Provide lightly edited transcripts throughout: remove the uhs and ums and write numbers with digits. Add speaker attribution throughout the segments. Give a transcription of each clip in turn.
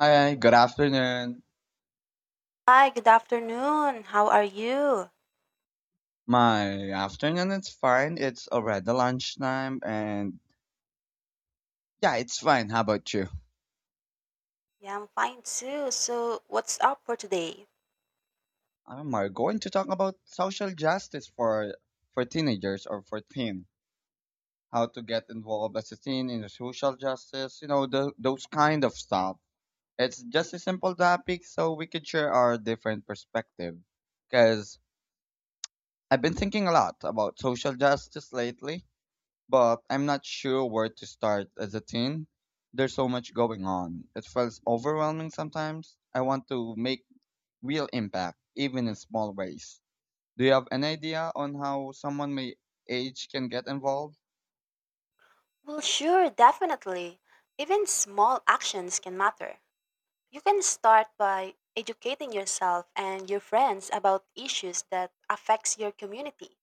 Speaker 1: Hi, good afternoon.
Speaker 2: Hi, good afternoon. How are you?
Speaker 1: My afternoon it's fine. It's already lunchtime and yeah, it's fine. How about you?
Speaker 2: Yeah, I'm fine too. So, what's up for today?
Speaker 1: We're going to talk about social justice for teenagers or for teen. How to get involved as a teen in the social justice, those kind of stuff. It's just a simple topic so we can share our different perspective. Because I've been thinking a lot about social justice lately but I'm not sure where to start as a teen. There's so much going on. It feels overwhelming sometimes. I want to make real impact, even in small ways. Do you have an idea on how someone my age can get involved?
Speaker 2: Well, sure, definitely. Even small actions can matter. You can start by educating yourself and your friends about issues that affects your community,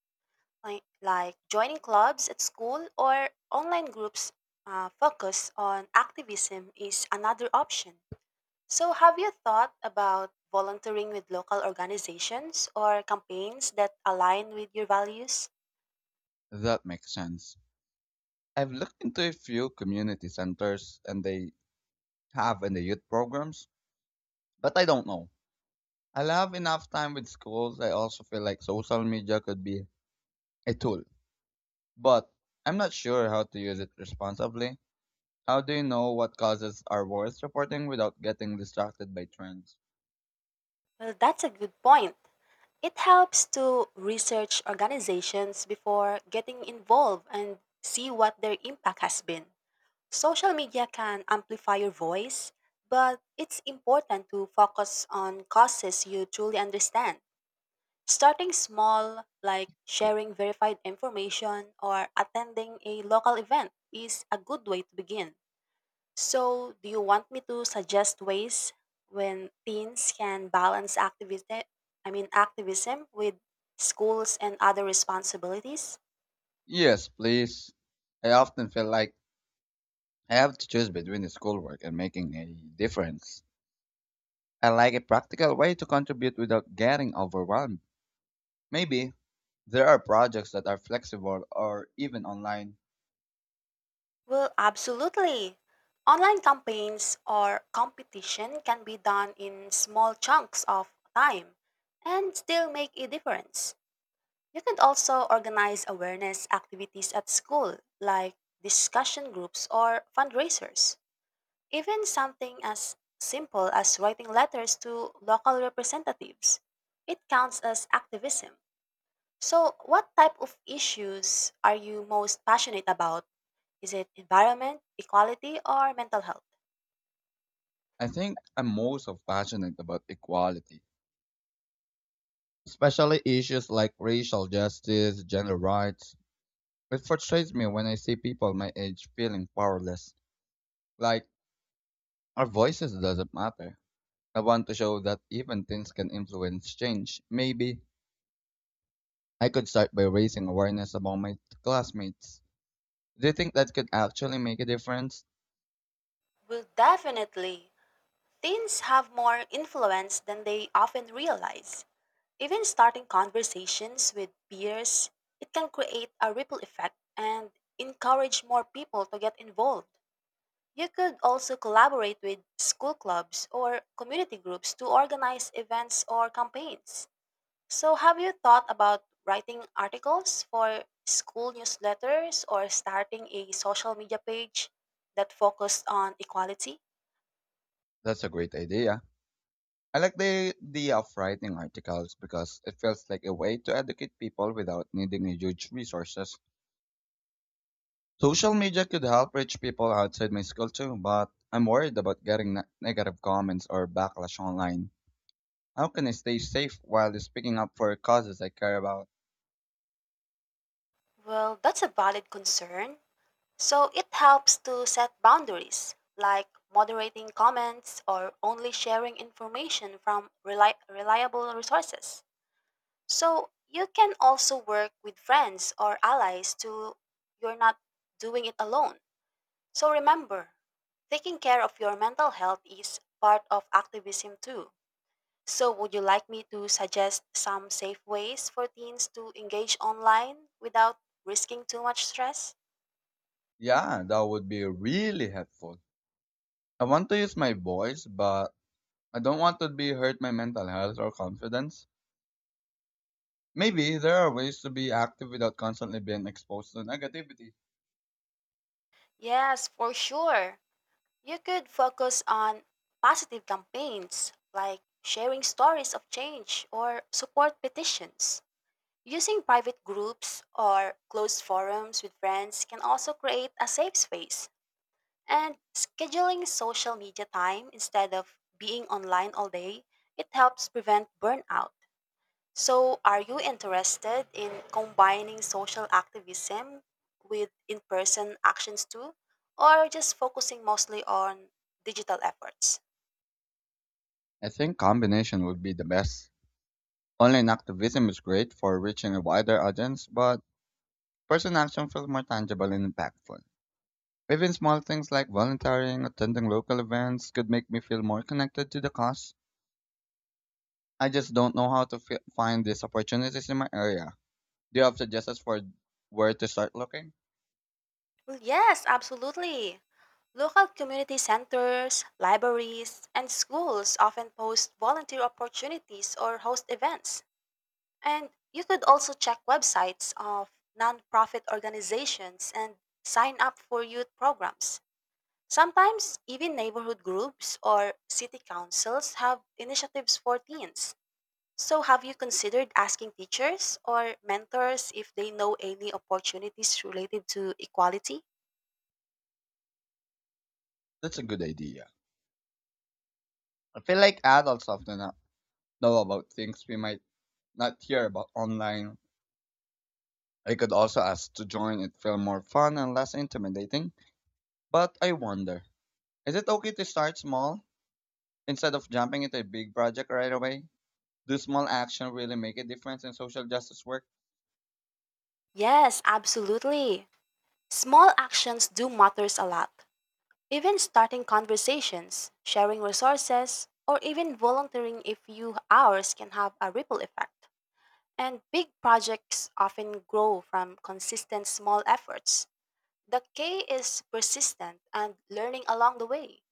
Speaker 2: like joining clubs at school or online groups focused on activism is another option. So, have you thought about volunteering with local organizations or campaigns that align with your values?
Speaker 1: That makes sense. I've looked into a few community centers and they have in the youth programs, but I don't know. I'll have enough time with schools. I also feel like social media could be a tool, but I'm not sure how to use it responsibly. How do you know what causes are worth reporting without getting distracted by trends?
Speaker 2: Well, that's a good point. It helps to research organizations before getting involved and see what their impact has been. Social media can amplify your voice, but it's important to focus on causes you truly understand. Starting small, like sharing verified information or attending a local event, is a good way to begin. So, do you want me to suggest ways when teens can balance activism, I mean activism with schools and other responsibilities?
Speaker 1: Yes, please. I often feel like I have to choose between the schoolwork and making a difference. I like a practical way to contribute without getting overwhelmed. Maybe there are projects that are flexible or even online.
Speaker 2: Well, absolutely. Online campaigns or competition can be done in small chunks of time and still make a difference. You can also organize awareness activities at school, like discussion groups or fundraisers. Even something as simple as writing letters to local representatives. It counts as activism. So, what type of issues are you most passionate about? Is it environment, equality, or mental health?
Speaker 1: I think I'm most of passionate about equality, especially issues like racial justice, gender rights. It frustrates me when I see people my age feeling powerless. Like, our voices doesn't matter. I want to show that even things can influence change. Maybe I could start by raising awareness among my classmates. Do you think that could actually make a difference?
Speaker 2: Well, definitely. Teens have more influence than they often realize. Even starting conversations with peers, it can create a ripple effect and encourage more people to get involved. You could also collaborate with school clubs or community groups to organize events or campaigns. So, have you thought about writing articles for school newsletters or starting a social media page that focused on equality?
Speaker 1: That's a great idea. I like the idea of writing articles because it feels like a way to educate people without needing huge resources. Social media could help reach people outside my school too, but I'm worried about getting negative comments or backlash online. How can I stay safe while speaking up for causes I care about?
Speaker 2: Well, that's a valid concern. So it helps to set boundaries, like moderating comments or only sharing information from reliable resources. So you can also work with friends or allies to you're not doing it alone. So remember, taking care of your mental health is part of activism too. So would you like me to suggest some safe ways for teens to engage online without risking too much stress?
Speaker 1: Yeah, that would be really helpful. I want to use my voice, but I don't want to be hurt my mental health or confidence. Maybe there are ways to be active without constantly being exposed to negativity.
Speaker 2: Yes, for sure. You could focus on positive campaigns like sharing stories of change or support petitions. Using private groups or closed forums with friends can also create a safe space. And scheduling social media time instead of being online all day, it helps prevent burnout. So, are you interested in combining social activism with in person actions too, or just focusing mostly on digital efforts?
Speaker 1: I think combination would be the best. Online activism is great for reaching a wider audience, but personal action feels more tangible and impactful. Even small things like volunteering, attending local events could make me feel more connected to the cause. I just don't know how to find these opportunities in my area. Do you have suggestions for where to start looking?
Speaker 2: Well, yes, absolutely. Local community centers, libraries, and schools often post volunteer opportunities or host events. And you could also check websites of nonprofit organizations and sign up for youth programs. Sometimes even neighborhood groups or city councils have initiatives for teens. So have you considered asking teachers or mentors if they know any opportunities related to equality?
Speaker 1: That's a good idea. I feel like adults often not know about things we might not hear about online. I could also ask to join it feel more fun and less intimidating, but I wonder, is it okay to start small instead of jumping into a big project right away? Do small action really make a difference in social justice work?
Speaker 2: Yes, absolutely. Small actions do matters a lot. Even starting conversations, sharing resources, or even volunteering a few hours can have a ripple effect. And big projects often grow from consistent small efforts. The K is persistent and learning along the way.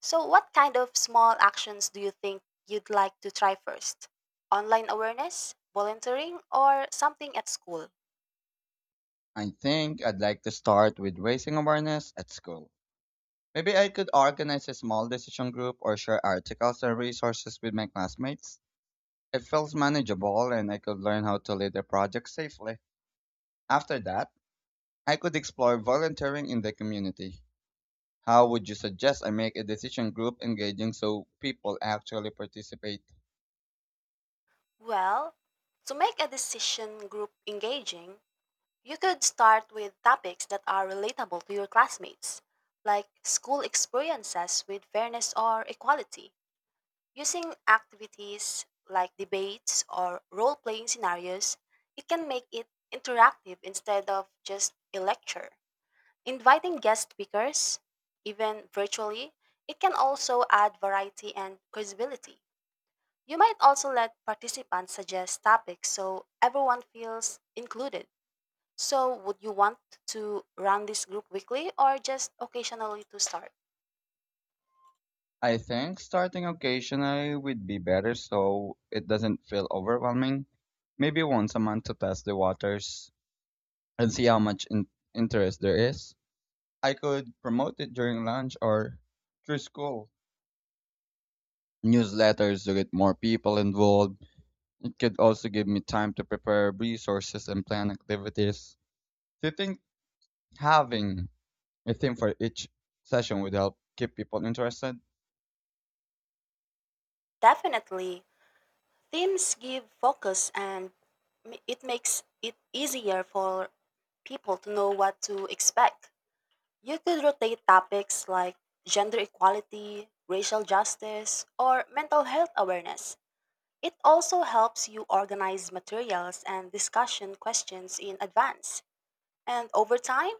Speaker 2: So, what kind of small actions do you think you'd like to try first? Online awareness, volunteering, or something at school?
Speaker 1: I think I'd like to start with raising awareness at school. Maybe I could organize a small decision group or share articles and resources with my classmates. It felt manageable and I could learn how to lead a project safely. After that, I could explore volunteering in the community. How would you suggest I make a decision group engaging so people actually participate?
Speaker 2: Well, to make a decision group engaging, you could start with topics that are relatable to your classmates, like school experiences with fairness or equality. Using activities like debates or role playing scenarios, it can make it interactive instead of just a lecture. Inviting guest speakers, even virtually, it can also add variety and credibility. You might also let participants suggest topics so everyone feels included. So, would you want to run this group weekly or just occasionally to start?
Speaker 1: I think starting occasionally would be better so it doesn't feel overwhelming. Maybe once a month to test the waters and see how much interest there is. I could promote it during lunch or through school. Newsletters to get more people involved could also give me time to prepare resources and plan activities. Do you think having a theme for each session would help keep people interested?
Speaker 2: Definitely, themes give focus and it makes it easier for people to know what to expect. You could rotate topics like gender equality, racial justice, or mental health awareness. It also helps you organize materials and discussion questions in advance. And over time,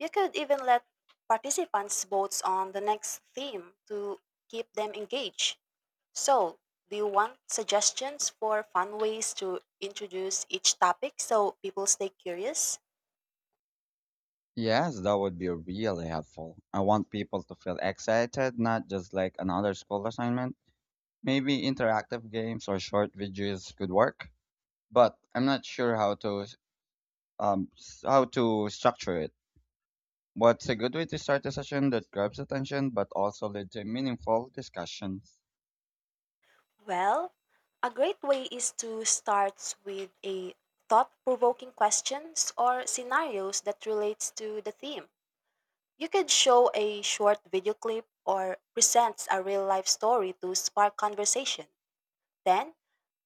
Speaker 2: you could even let participants vote on the next theme to keep them engaged. So, do you want suggestions for fun ways to introduce each topic so people stay curious?
Speaker 1: Yes, that would be really helpful. I want people to feel excited, not just like another school assignment. Maybe interactive games or short videos could work, but I'm not sure how to structure it. What's a good way to start a session that grabs attention but also leads to meaningful discussions?
Speaker 2: Well, a great way is to start with a thought-provoking questions or scenarios that relates to the theme. You could show a short video clip or present a real-life story to spark conversation. Then,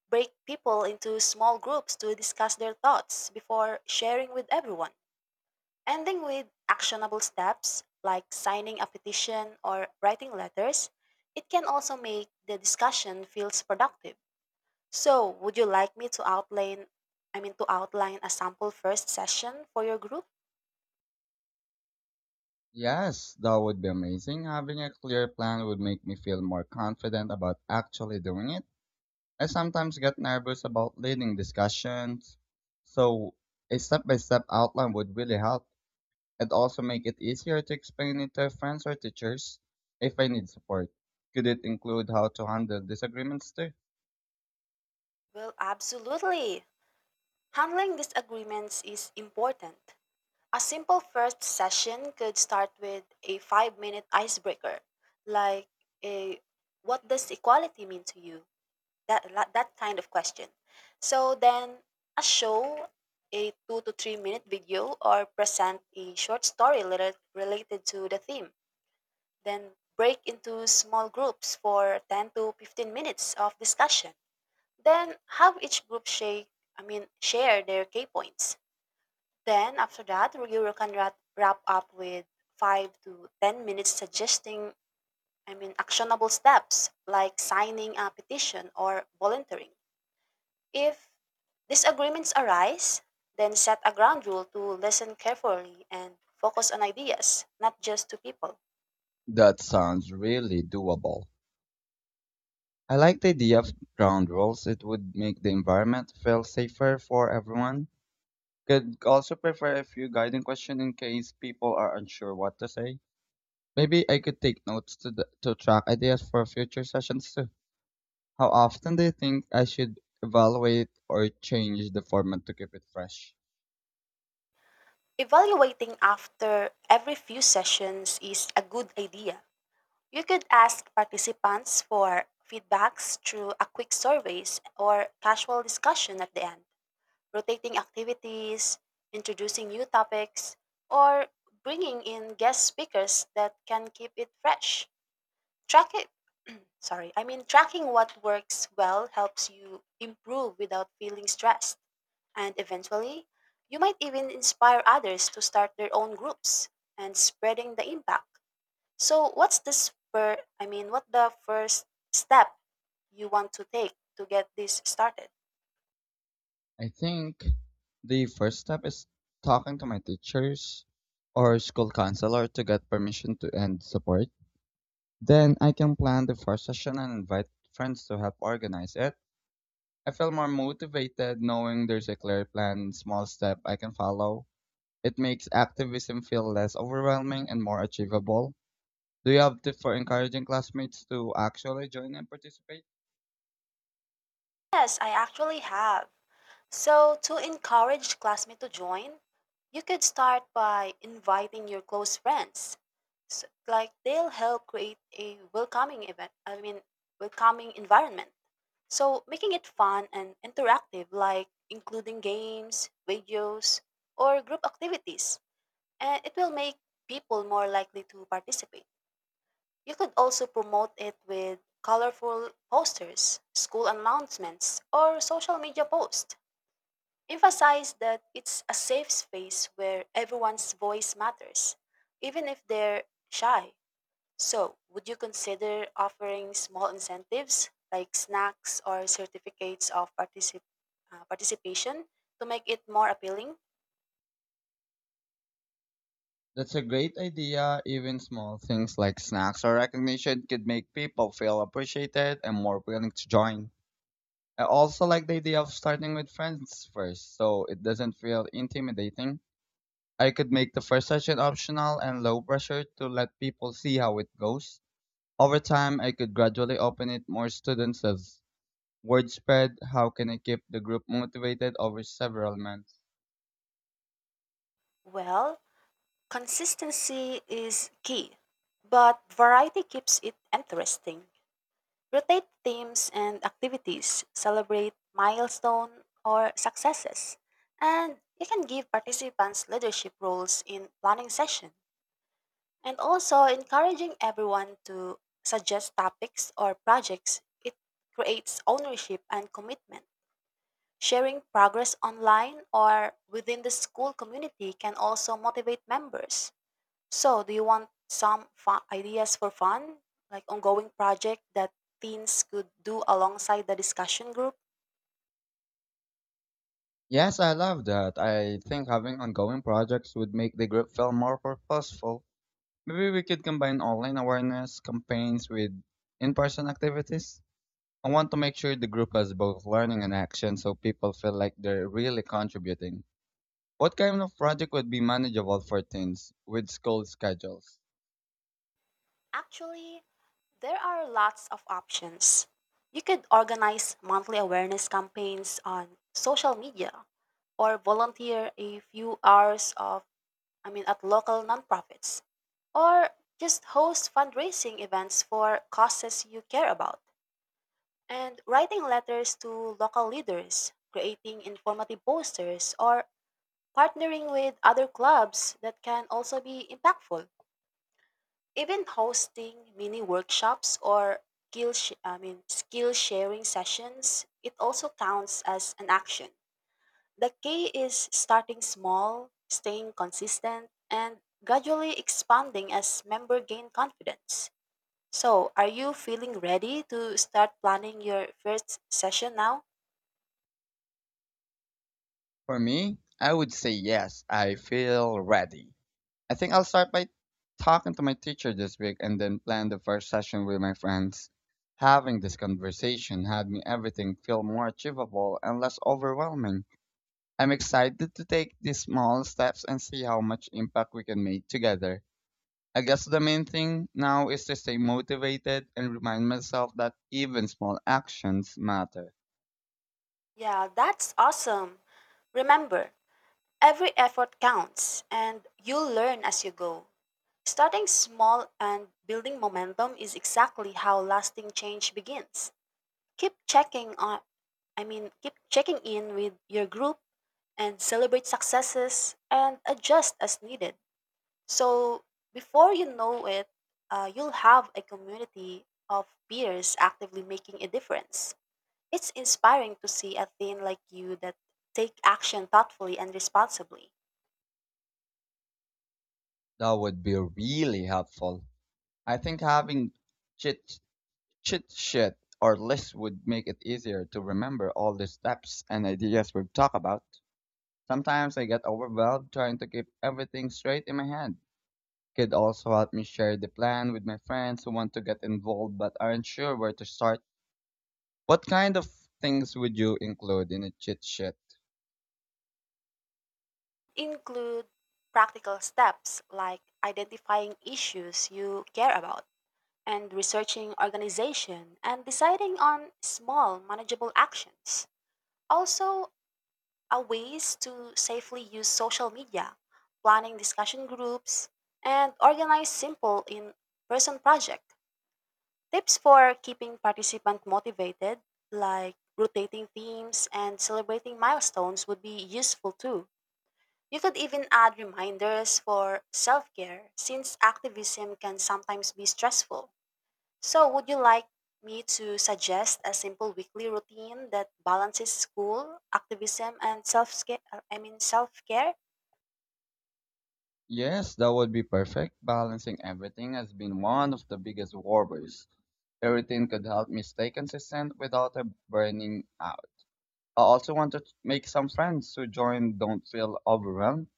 Speaker 2: break people into small groups to discuss their thoughts before sharing with everyone. Ending with actionable steps like signing a petition or writing letters, it can also make the discussion feels productive. So, would you like me to outline I mean to outline a sample first session for your group?
Speaker 1: Yes, that would be amazing. Having a clear plan would make me feel more confident about actually doing it. I sometimes get nervous about leading discussions, so a step-by-step outline would really help. It also make it easier to explain it to friends or teachers if I need support. Could it include how to handle disagreements too?
Speaker 2: Well, absolutely. Handling disagreements is important. A simple first session could start with a 5-minute icebreaker, like a what does equality mean to you? That kind of question. So then a show, a 2 to 3 minute video or present a short story related to the theme. Then break into small groups for 10 to 15 minutes of discussion. Then have each group share, I mean share their key points. Then after that, you can wrap up with 5 to 10 minutes suggesting actionable steps like signing a petition or volunteering. If disagreements arise, then set a ground rule to listen carefully and focus on ideas, not just to people.
Speaker 1: That sounds really doable. I like the idea of ground rules. It would make the environment feel safer for everyone. Could also prepare a few guiding questions in case people are unsure what to say. Maybe I could take notes to track ideas for future sessions too. How often do you think I should evaluate or change the format to keep it fresh?
Speaker 2: Evaluating after every few sessions is a good idea. You could ask participants for feedbacks through a quick surveys or casual discussion at the end, rotating activities, introducing new topics, or bringing in guest speakers that can keep it fresh. Track tracking what works well helps you improve without feeling stressed. And eventually, you might even inspire others to start their own groups and spreading the impact. So, what's the spur? I mean, what the first step you want to take to get this started?
Speaker 1: I think the first step is talking to my teachers or school counselor to get permission to end support. Then I can plan the first session and invite friends to help organize it. I feel more motivated knowing there's a clear plan small step I can follow. It makes activism feel less overwhelming and more achievable. Do you have tips for encouraging classmates to actually join and participate?
Speaker 2: Yes, I actually have. So, to encourage classmates to join, you could start by inviting your close friends. So, like they'll help create a welcoming event, I mean, welcoming environment. So, making it fun and interactive, like including games, videos, or group activities, and it will make people more likely to participate. You could also promote it with colorful posters, school announcements, or social media posts. Emphasize that it's a safe space where everyone's voice matters, even if they're shy. So, would you consider offering small incentives like snacks or certificates of participation to make it more appealing?
Speaker 1: That's a great idea. Even small things like snacks or recognition could make people feel appreciated and more willing to join. I also like the idea of starting with friends first, so it doesn't feel intimidating. I could make the first session optional and low pressure to let people see how it goes. Over time, I could gradually open it more students as word spread. How can I keep the group motivated over several months?
Speaker 2: Well, consistency is key, but variety keeps it interesting. Rotate teams and activities, celebrate milestone or successes, and you can give participants leadership roles in planning session. And also encouraging everyone to suggest topics or projects, it creates ownership and commitment. Sharing progress online or within the school community can also motivate members. So, do you want some fun ideas for fun, like ongoing project that teens could do alongside the discussion group?
Speaker 1: Yes, I love that. I think having ongoing projects would make the group feel more purposeful. Maybe we could combine online awareness campaigns with in-person activities. I want to make sure the group has both learning and action so people feel like they're really contributing. What kind of project would be manageable for teens with school schedules?
Speaker 2: Actually, there are lots of options. You could organize monthly awareness campaigns on social media or volunteer a few hours of I mean at local nonprofits or just host fundraising events for causes you care about. And writing letters to local leaders, creating informative posters, or partnering with other clubs that can also be impactful. Even hosting mini workshops or skill, sh- I mean, skill sharing sessions, it also counts as an action. The key is starting small, staying consistent, and gradually expanding as members gain confidence. So, are you feeling ready to start planning your first session now?
Speaker 1: For me, I would say yes, I feel ready. I think I'll start by talking to my teacher this week and then plan the first session with my friends. Having this conversation had me everything feel more achievable and less overwhelming. I'm excited to take these small steps and see how much impact we can make together. I guess the main thing now is to stay motivated and remind myself that even small actions matter.
Speaker 2: Yeah, that's awesome. Remember, every effort counts and you'll learn as you go. Starting small and building momentum is exactly how lasting change begins. Keep checking on I mean, keep checking in with your group and celebrate successes and adjust as needed. So, before you know it, you'll have a community of peers actively making a difference. It's inspiring to see a teen like you that take action thoughtfully and responsibly.
Speaker 1: That would be really helpful. I think having chit Cheat sheet or list would make it easier to remember all the steps and ideas we've talked about. Sometimes I get overwhelmed trying to keep everything straight in my head. Could also help me share the plan with my friends who want to get involved but aren't sure where to start. What kind of things would you include in a cheat sheet?
Speaker 2: Include practical steps like identifying issues you care about and researching organization and deciding on small manageable actions. Also, a ways to safely use social media, planning discussion groups, and organize simple in person projects. Tips for keeping participants motivated, like rotating themes and celebrating milestones, would be useful too. You could even add reminders for self care since activism can sometimes be stressful. So, would you like me to suggest a simple weekly routine that balances school, activism, and self care?
Speaker 1: Yes, that would be perfect. Balancing everything has been one of the biggest worries. A routine could help me stay consistent without burning out. I also want to make some friends who join don't feel overwhelmed.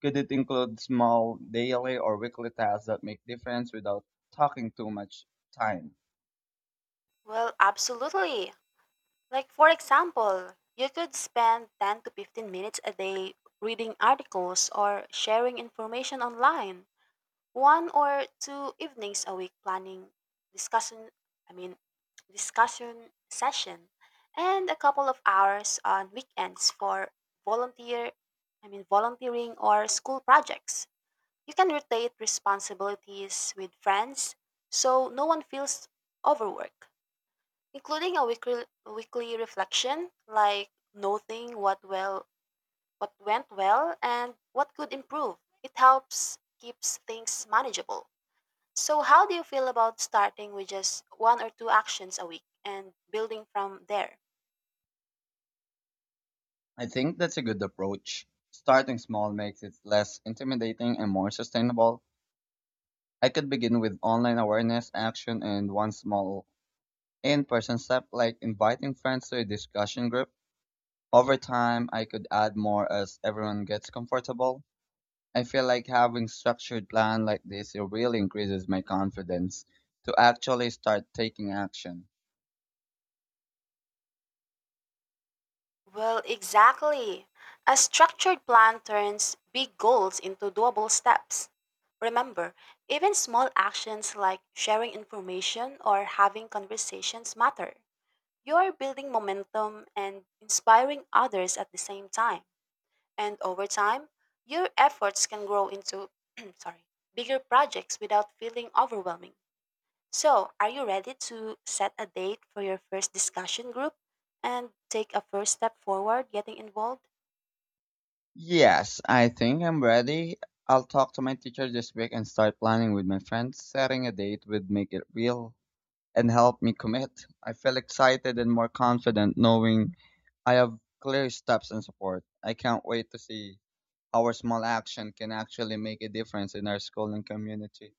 Speaker 1: Could it include small daily or weekly tasks that make difference without talking too much time?
Speaker 2: Well, absolutely. Like, for example, you could spend 10 to 15 minutes a day reading articles or sharing information online, one or two evenings a week planning discussion, I mean, discussion session, and a couple of hours on weekends for volunteer, volunteering or school projects. You can rotate responsibilities with friends so no one feels overworked, including a weekly reflection, like noting what went well and what could improve. It helps keeps things manageable. So how do you feel about starting with just one or two actions a week and building from there?
Speaker 1: I think that's a good approach. Starting small makes it less intimidating and more sustainable. I could begin with online awareness action and one small in-person step like inviting friends to a discussion group. Over time, I could add more as everyone gets comfortable. I feel like having structured plan like this it really increases my confidence to actually start taking action.
Speaker 2: Well, exactly. A structured plan turns big goals into doable steps. Remember, even small actions like sharing information or having conversations matter. You are building momentum and inspiring others at the same time. And over time, your efforts can grow into sorry, bigger projects without feeling overwhelming. So, are you ready to set a date for your first discussion group and take a first step forward getting involved?
Speaker 1: Yes, I think I'm ready. I'll talk to my teacher this week and start planning with my friends. Setting a date would make it real and help me commit. I feel excited and more confident knowing I have clear steps and support. I can't wait to see how our small action can actually make a difference in our school and community.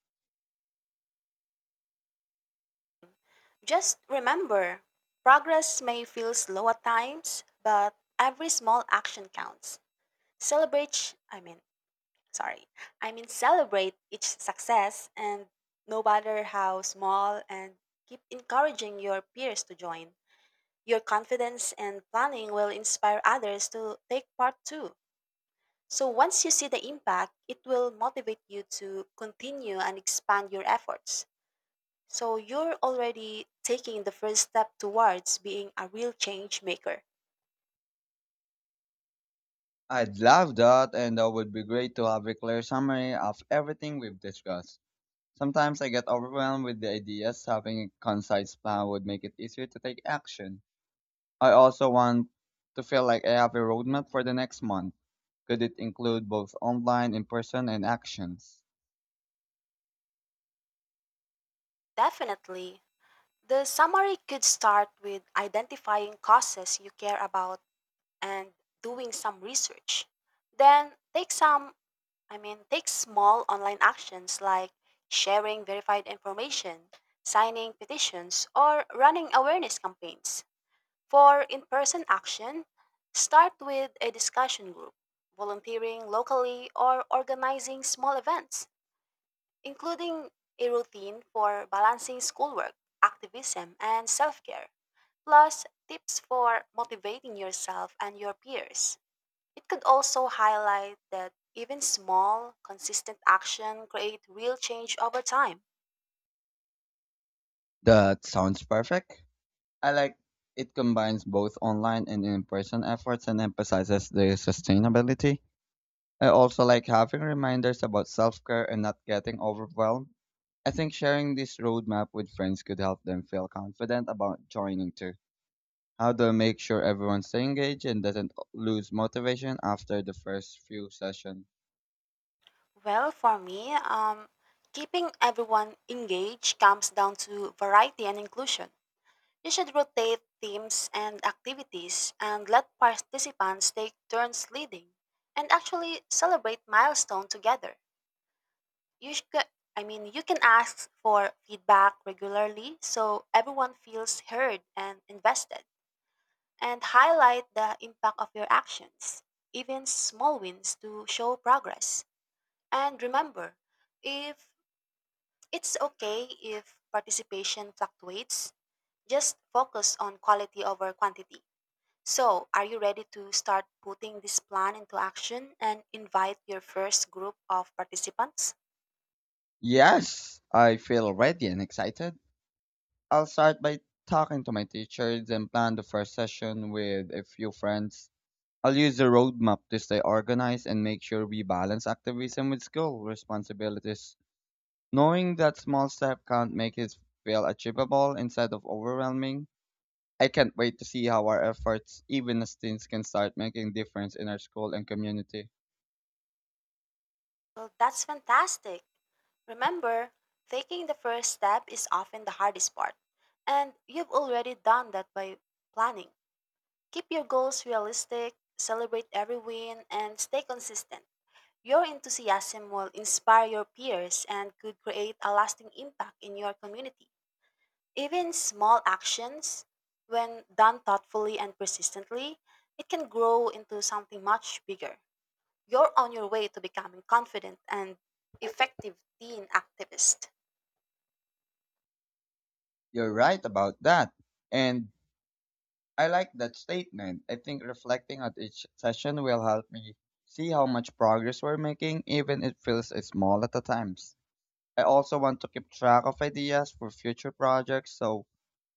Speaker 2: Just remember, progress may feel slow at times, but every small action counts. Celebrate, I mean, sorry, I mean Celebrate each success, and no matter how small, and keep encouraging your peers to join. Your confidence and planning will inspire others to take part too. So once you see the impact, it will motivate you to continue and expand your efforts. So you're already taking the first step towards being a real change maker.
Speaker 1: I'd love that, and that would be great to have a clear summary of everything we've discussed. Sometimes I get overwhelmed with the ideas, having a concise plan would make it easier to take action. I also want to feel like I have a roadmap for the next month. Could it include both online, in person, and actions?
Speaker 2: Definitely. The summary could start with identifying causes you care about and doing some research. Then take some, I mean, take small online actions like sharing verified information, signing petitions, or running awareness campaigns. For in person action, start with a discussion group, volunteering locally, or organizing small events, including a routine for balancing schoolwork, activism, and self care, plus tips for motivating yourself and your peers. It could also highlight that even small, consistent action create real change over time.
Speaker 1: That sounds perfect. I like it combines both online and in person efforts and emphasizes the sustainability. I also like having reminders about self care and not getting overwhelmed. I think sharing this roadmap with friends could help them feel confident about joining too. How to make sure everyone stay engaged and doesn't lose motivation after the first few sessions?
Speaker 2: Well, for me, keeping everyone engaged comes down to variety and inclusion. You should rotate themes and activities and let participants take turns leading and actually celebrate milestone together. You should, I mean, you can ask for feedback regularly so everyone feels heard and invested, and highlight the impact of your actions, even small wins to show progress. And remember, if it's okay if participation fluctuates, just focus on quality over quantity. So, are you ready to start putting this plan into action and invite your first group of participants?
Speaker 1: Yes, I feel ready and excited. I'll start by talking to my teachers and plan the first session with a few friends. I'll use the roadmap to stay organized and make sure we balance activism with school responsibilities. Knowing that small steps count make it feel achievable instead of overwhelming. I can't wait to see how our efforts, even as teens, can start making difference in our school and community.
Speaker 2: Well, that's fantastic. Remember, taking the first step is often the hardest part, and you've already done that by planning. Keep your goals realistic, celebrate every win, and stay consistent. Your enthusiasm will inspire your peers and could create a lasting impact in your community. Even small actions, when done thoughtfully and persistently, it can grow into something much bigger. You're on your way to becoming confident and effective teen activist.
Speaker 1: You're right about that. And I like that statement. I think reflecting at each session will help me see how much progress we're making, even if it feels small at the times. I also want to keep track of ideas for future projects, so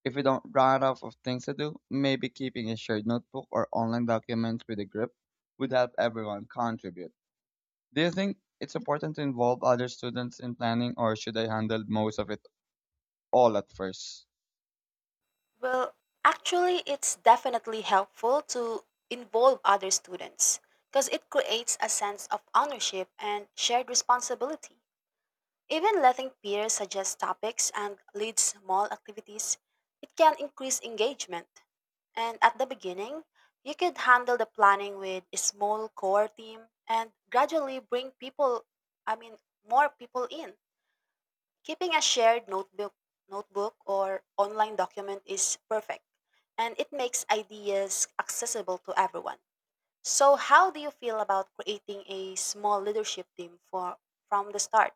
Speaker 1: if we don't run out of things to do, maybe keeping a shared notebook or online documents with the group would help everyone contribute. Do you think it's important to involve other students in planning, or should I handle most of it all at first?
Speaker 2: Well, actually, it's definitely helpful to involve other students because it creates a sense of ownership and shared responsibility. Even letting peers suggest topics and lead small activities, it can increase engagement. And at the beginning, you could handle the planning with a small core team and gradually bring people, I mean, more people in. Keeping a shared notebook or online document is perfect, and it makes ideas accessible to everyone. So, how do you feel about creating a small leadership team for from the start?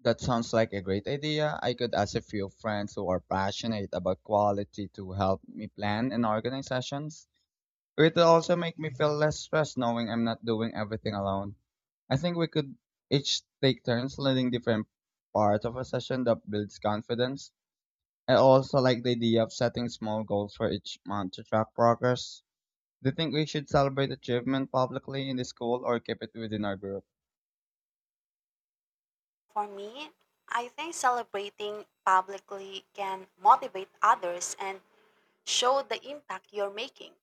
Speaker 1: That sounds like a great idea. I could ask a few friends who are passionate about quality to help me plan and organize sessions. It will also make me feel less stressed knowing I'm not doing everything alone. I think we could each take turns leading different parts of a session that builds confidence. I also like the idea of setting small goals for each month to track progress. Do you think we should celebrate achievement publicly in the school or keep it within our group?
Speaker 2: For me, I think celebrating publicly can motivate others and show the impact you're making.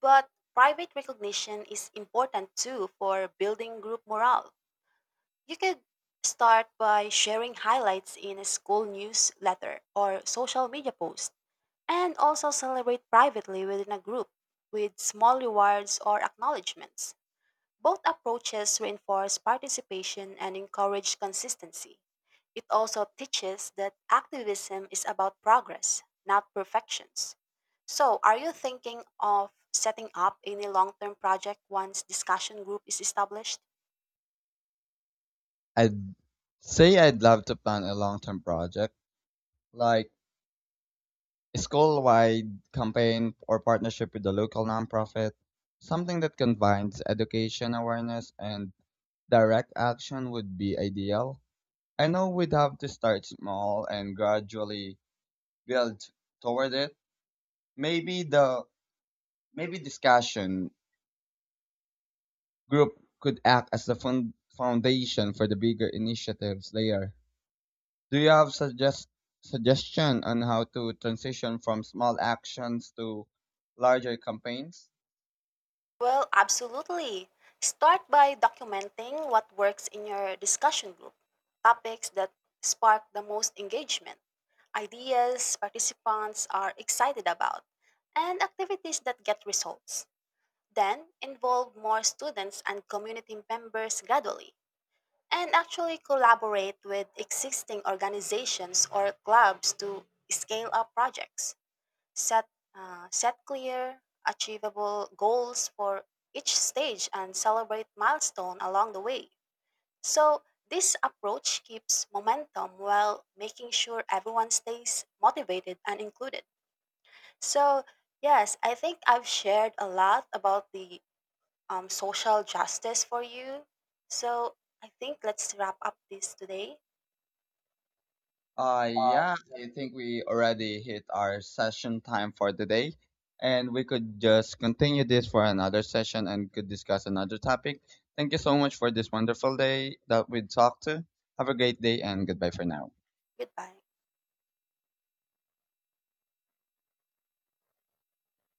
Speaker 2: But private recognition is important too for building group morale. You could start by sharing highlights in a school newsletter or social media post, and also celebrate privately within a group with small rewards or acknowledgments. Both approaches reinforce participation and encourage consistency. It also teaches that activism is about progress, not perfections. So, are you thinking of setting up any long term project once discussion group is established?
Speaker 1: I'd say I'd love to plan a long term project, like a school wide campaign or partnership with a local nonprofit. Something that combines education awareness and direct action would be ideal. I know we'd have to start small and gradually build toward it. Maybe the maybe discussion group could act as the foundation for the bigger initiatives later. Do you have suggestion on how to transition from small actions to larger campaigns?
Speaker 2: Well, absolutely. Start by documenting what works in your discussion group, topics that spark the most engagement, ideas participants are excited about, and activities that get results. Then involve more students and community members gradually, and actually collaborate with existing organizations or clubs to scale up projects. Set uh, set clear achievable goals for each stage and celebrate milestone along the way. So this approach keeps momentum while making sure everyone stays motivated and included. So yes, I think I've shared a lot about the social justice for you. So I think let's wrap up this today.
Speaker 1: Yeah, I think we already hit our session time for today, and we could just continue this for another session and could discuss another topic. Thank you so much for this wonderful day that we talked to. Have a great day and goodbye for now.
Speaker 2: Goodbye.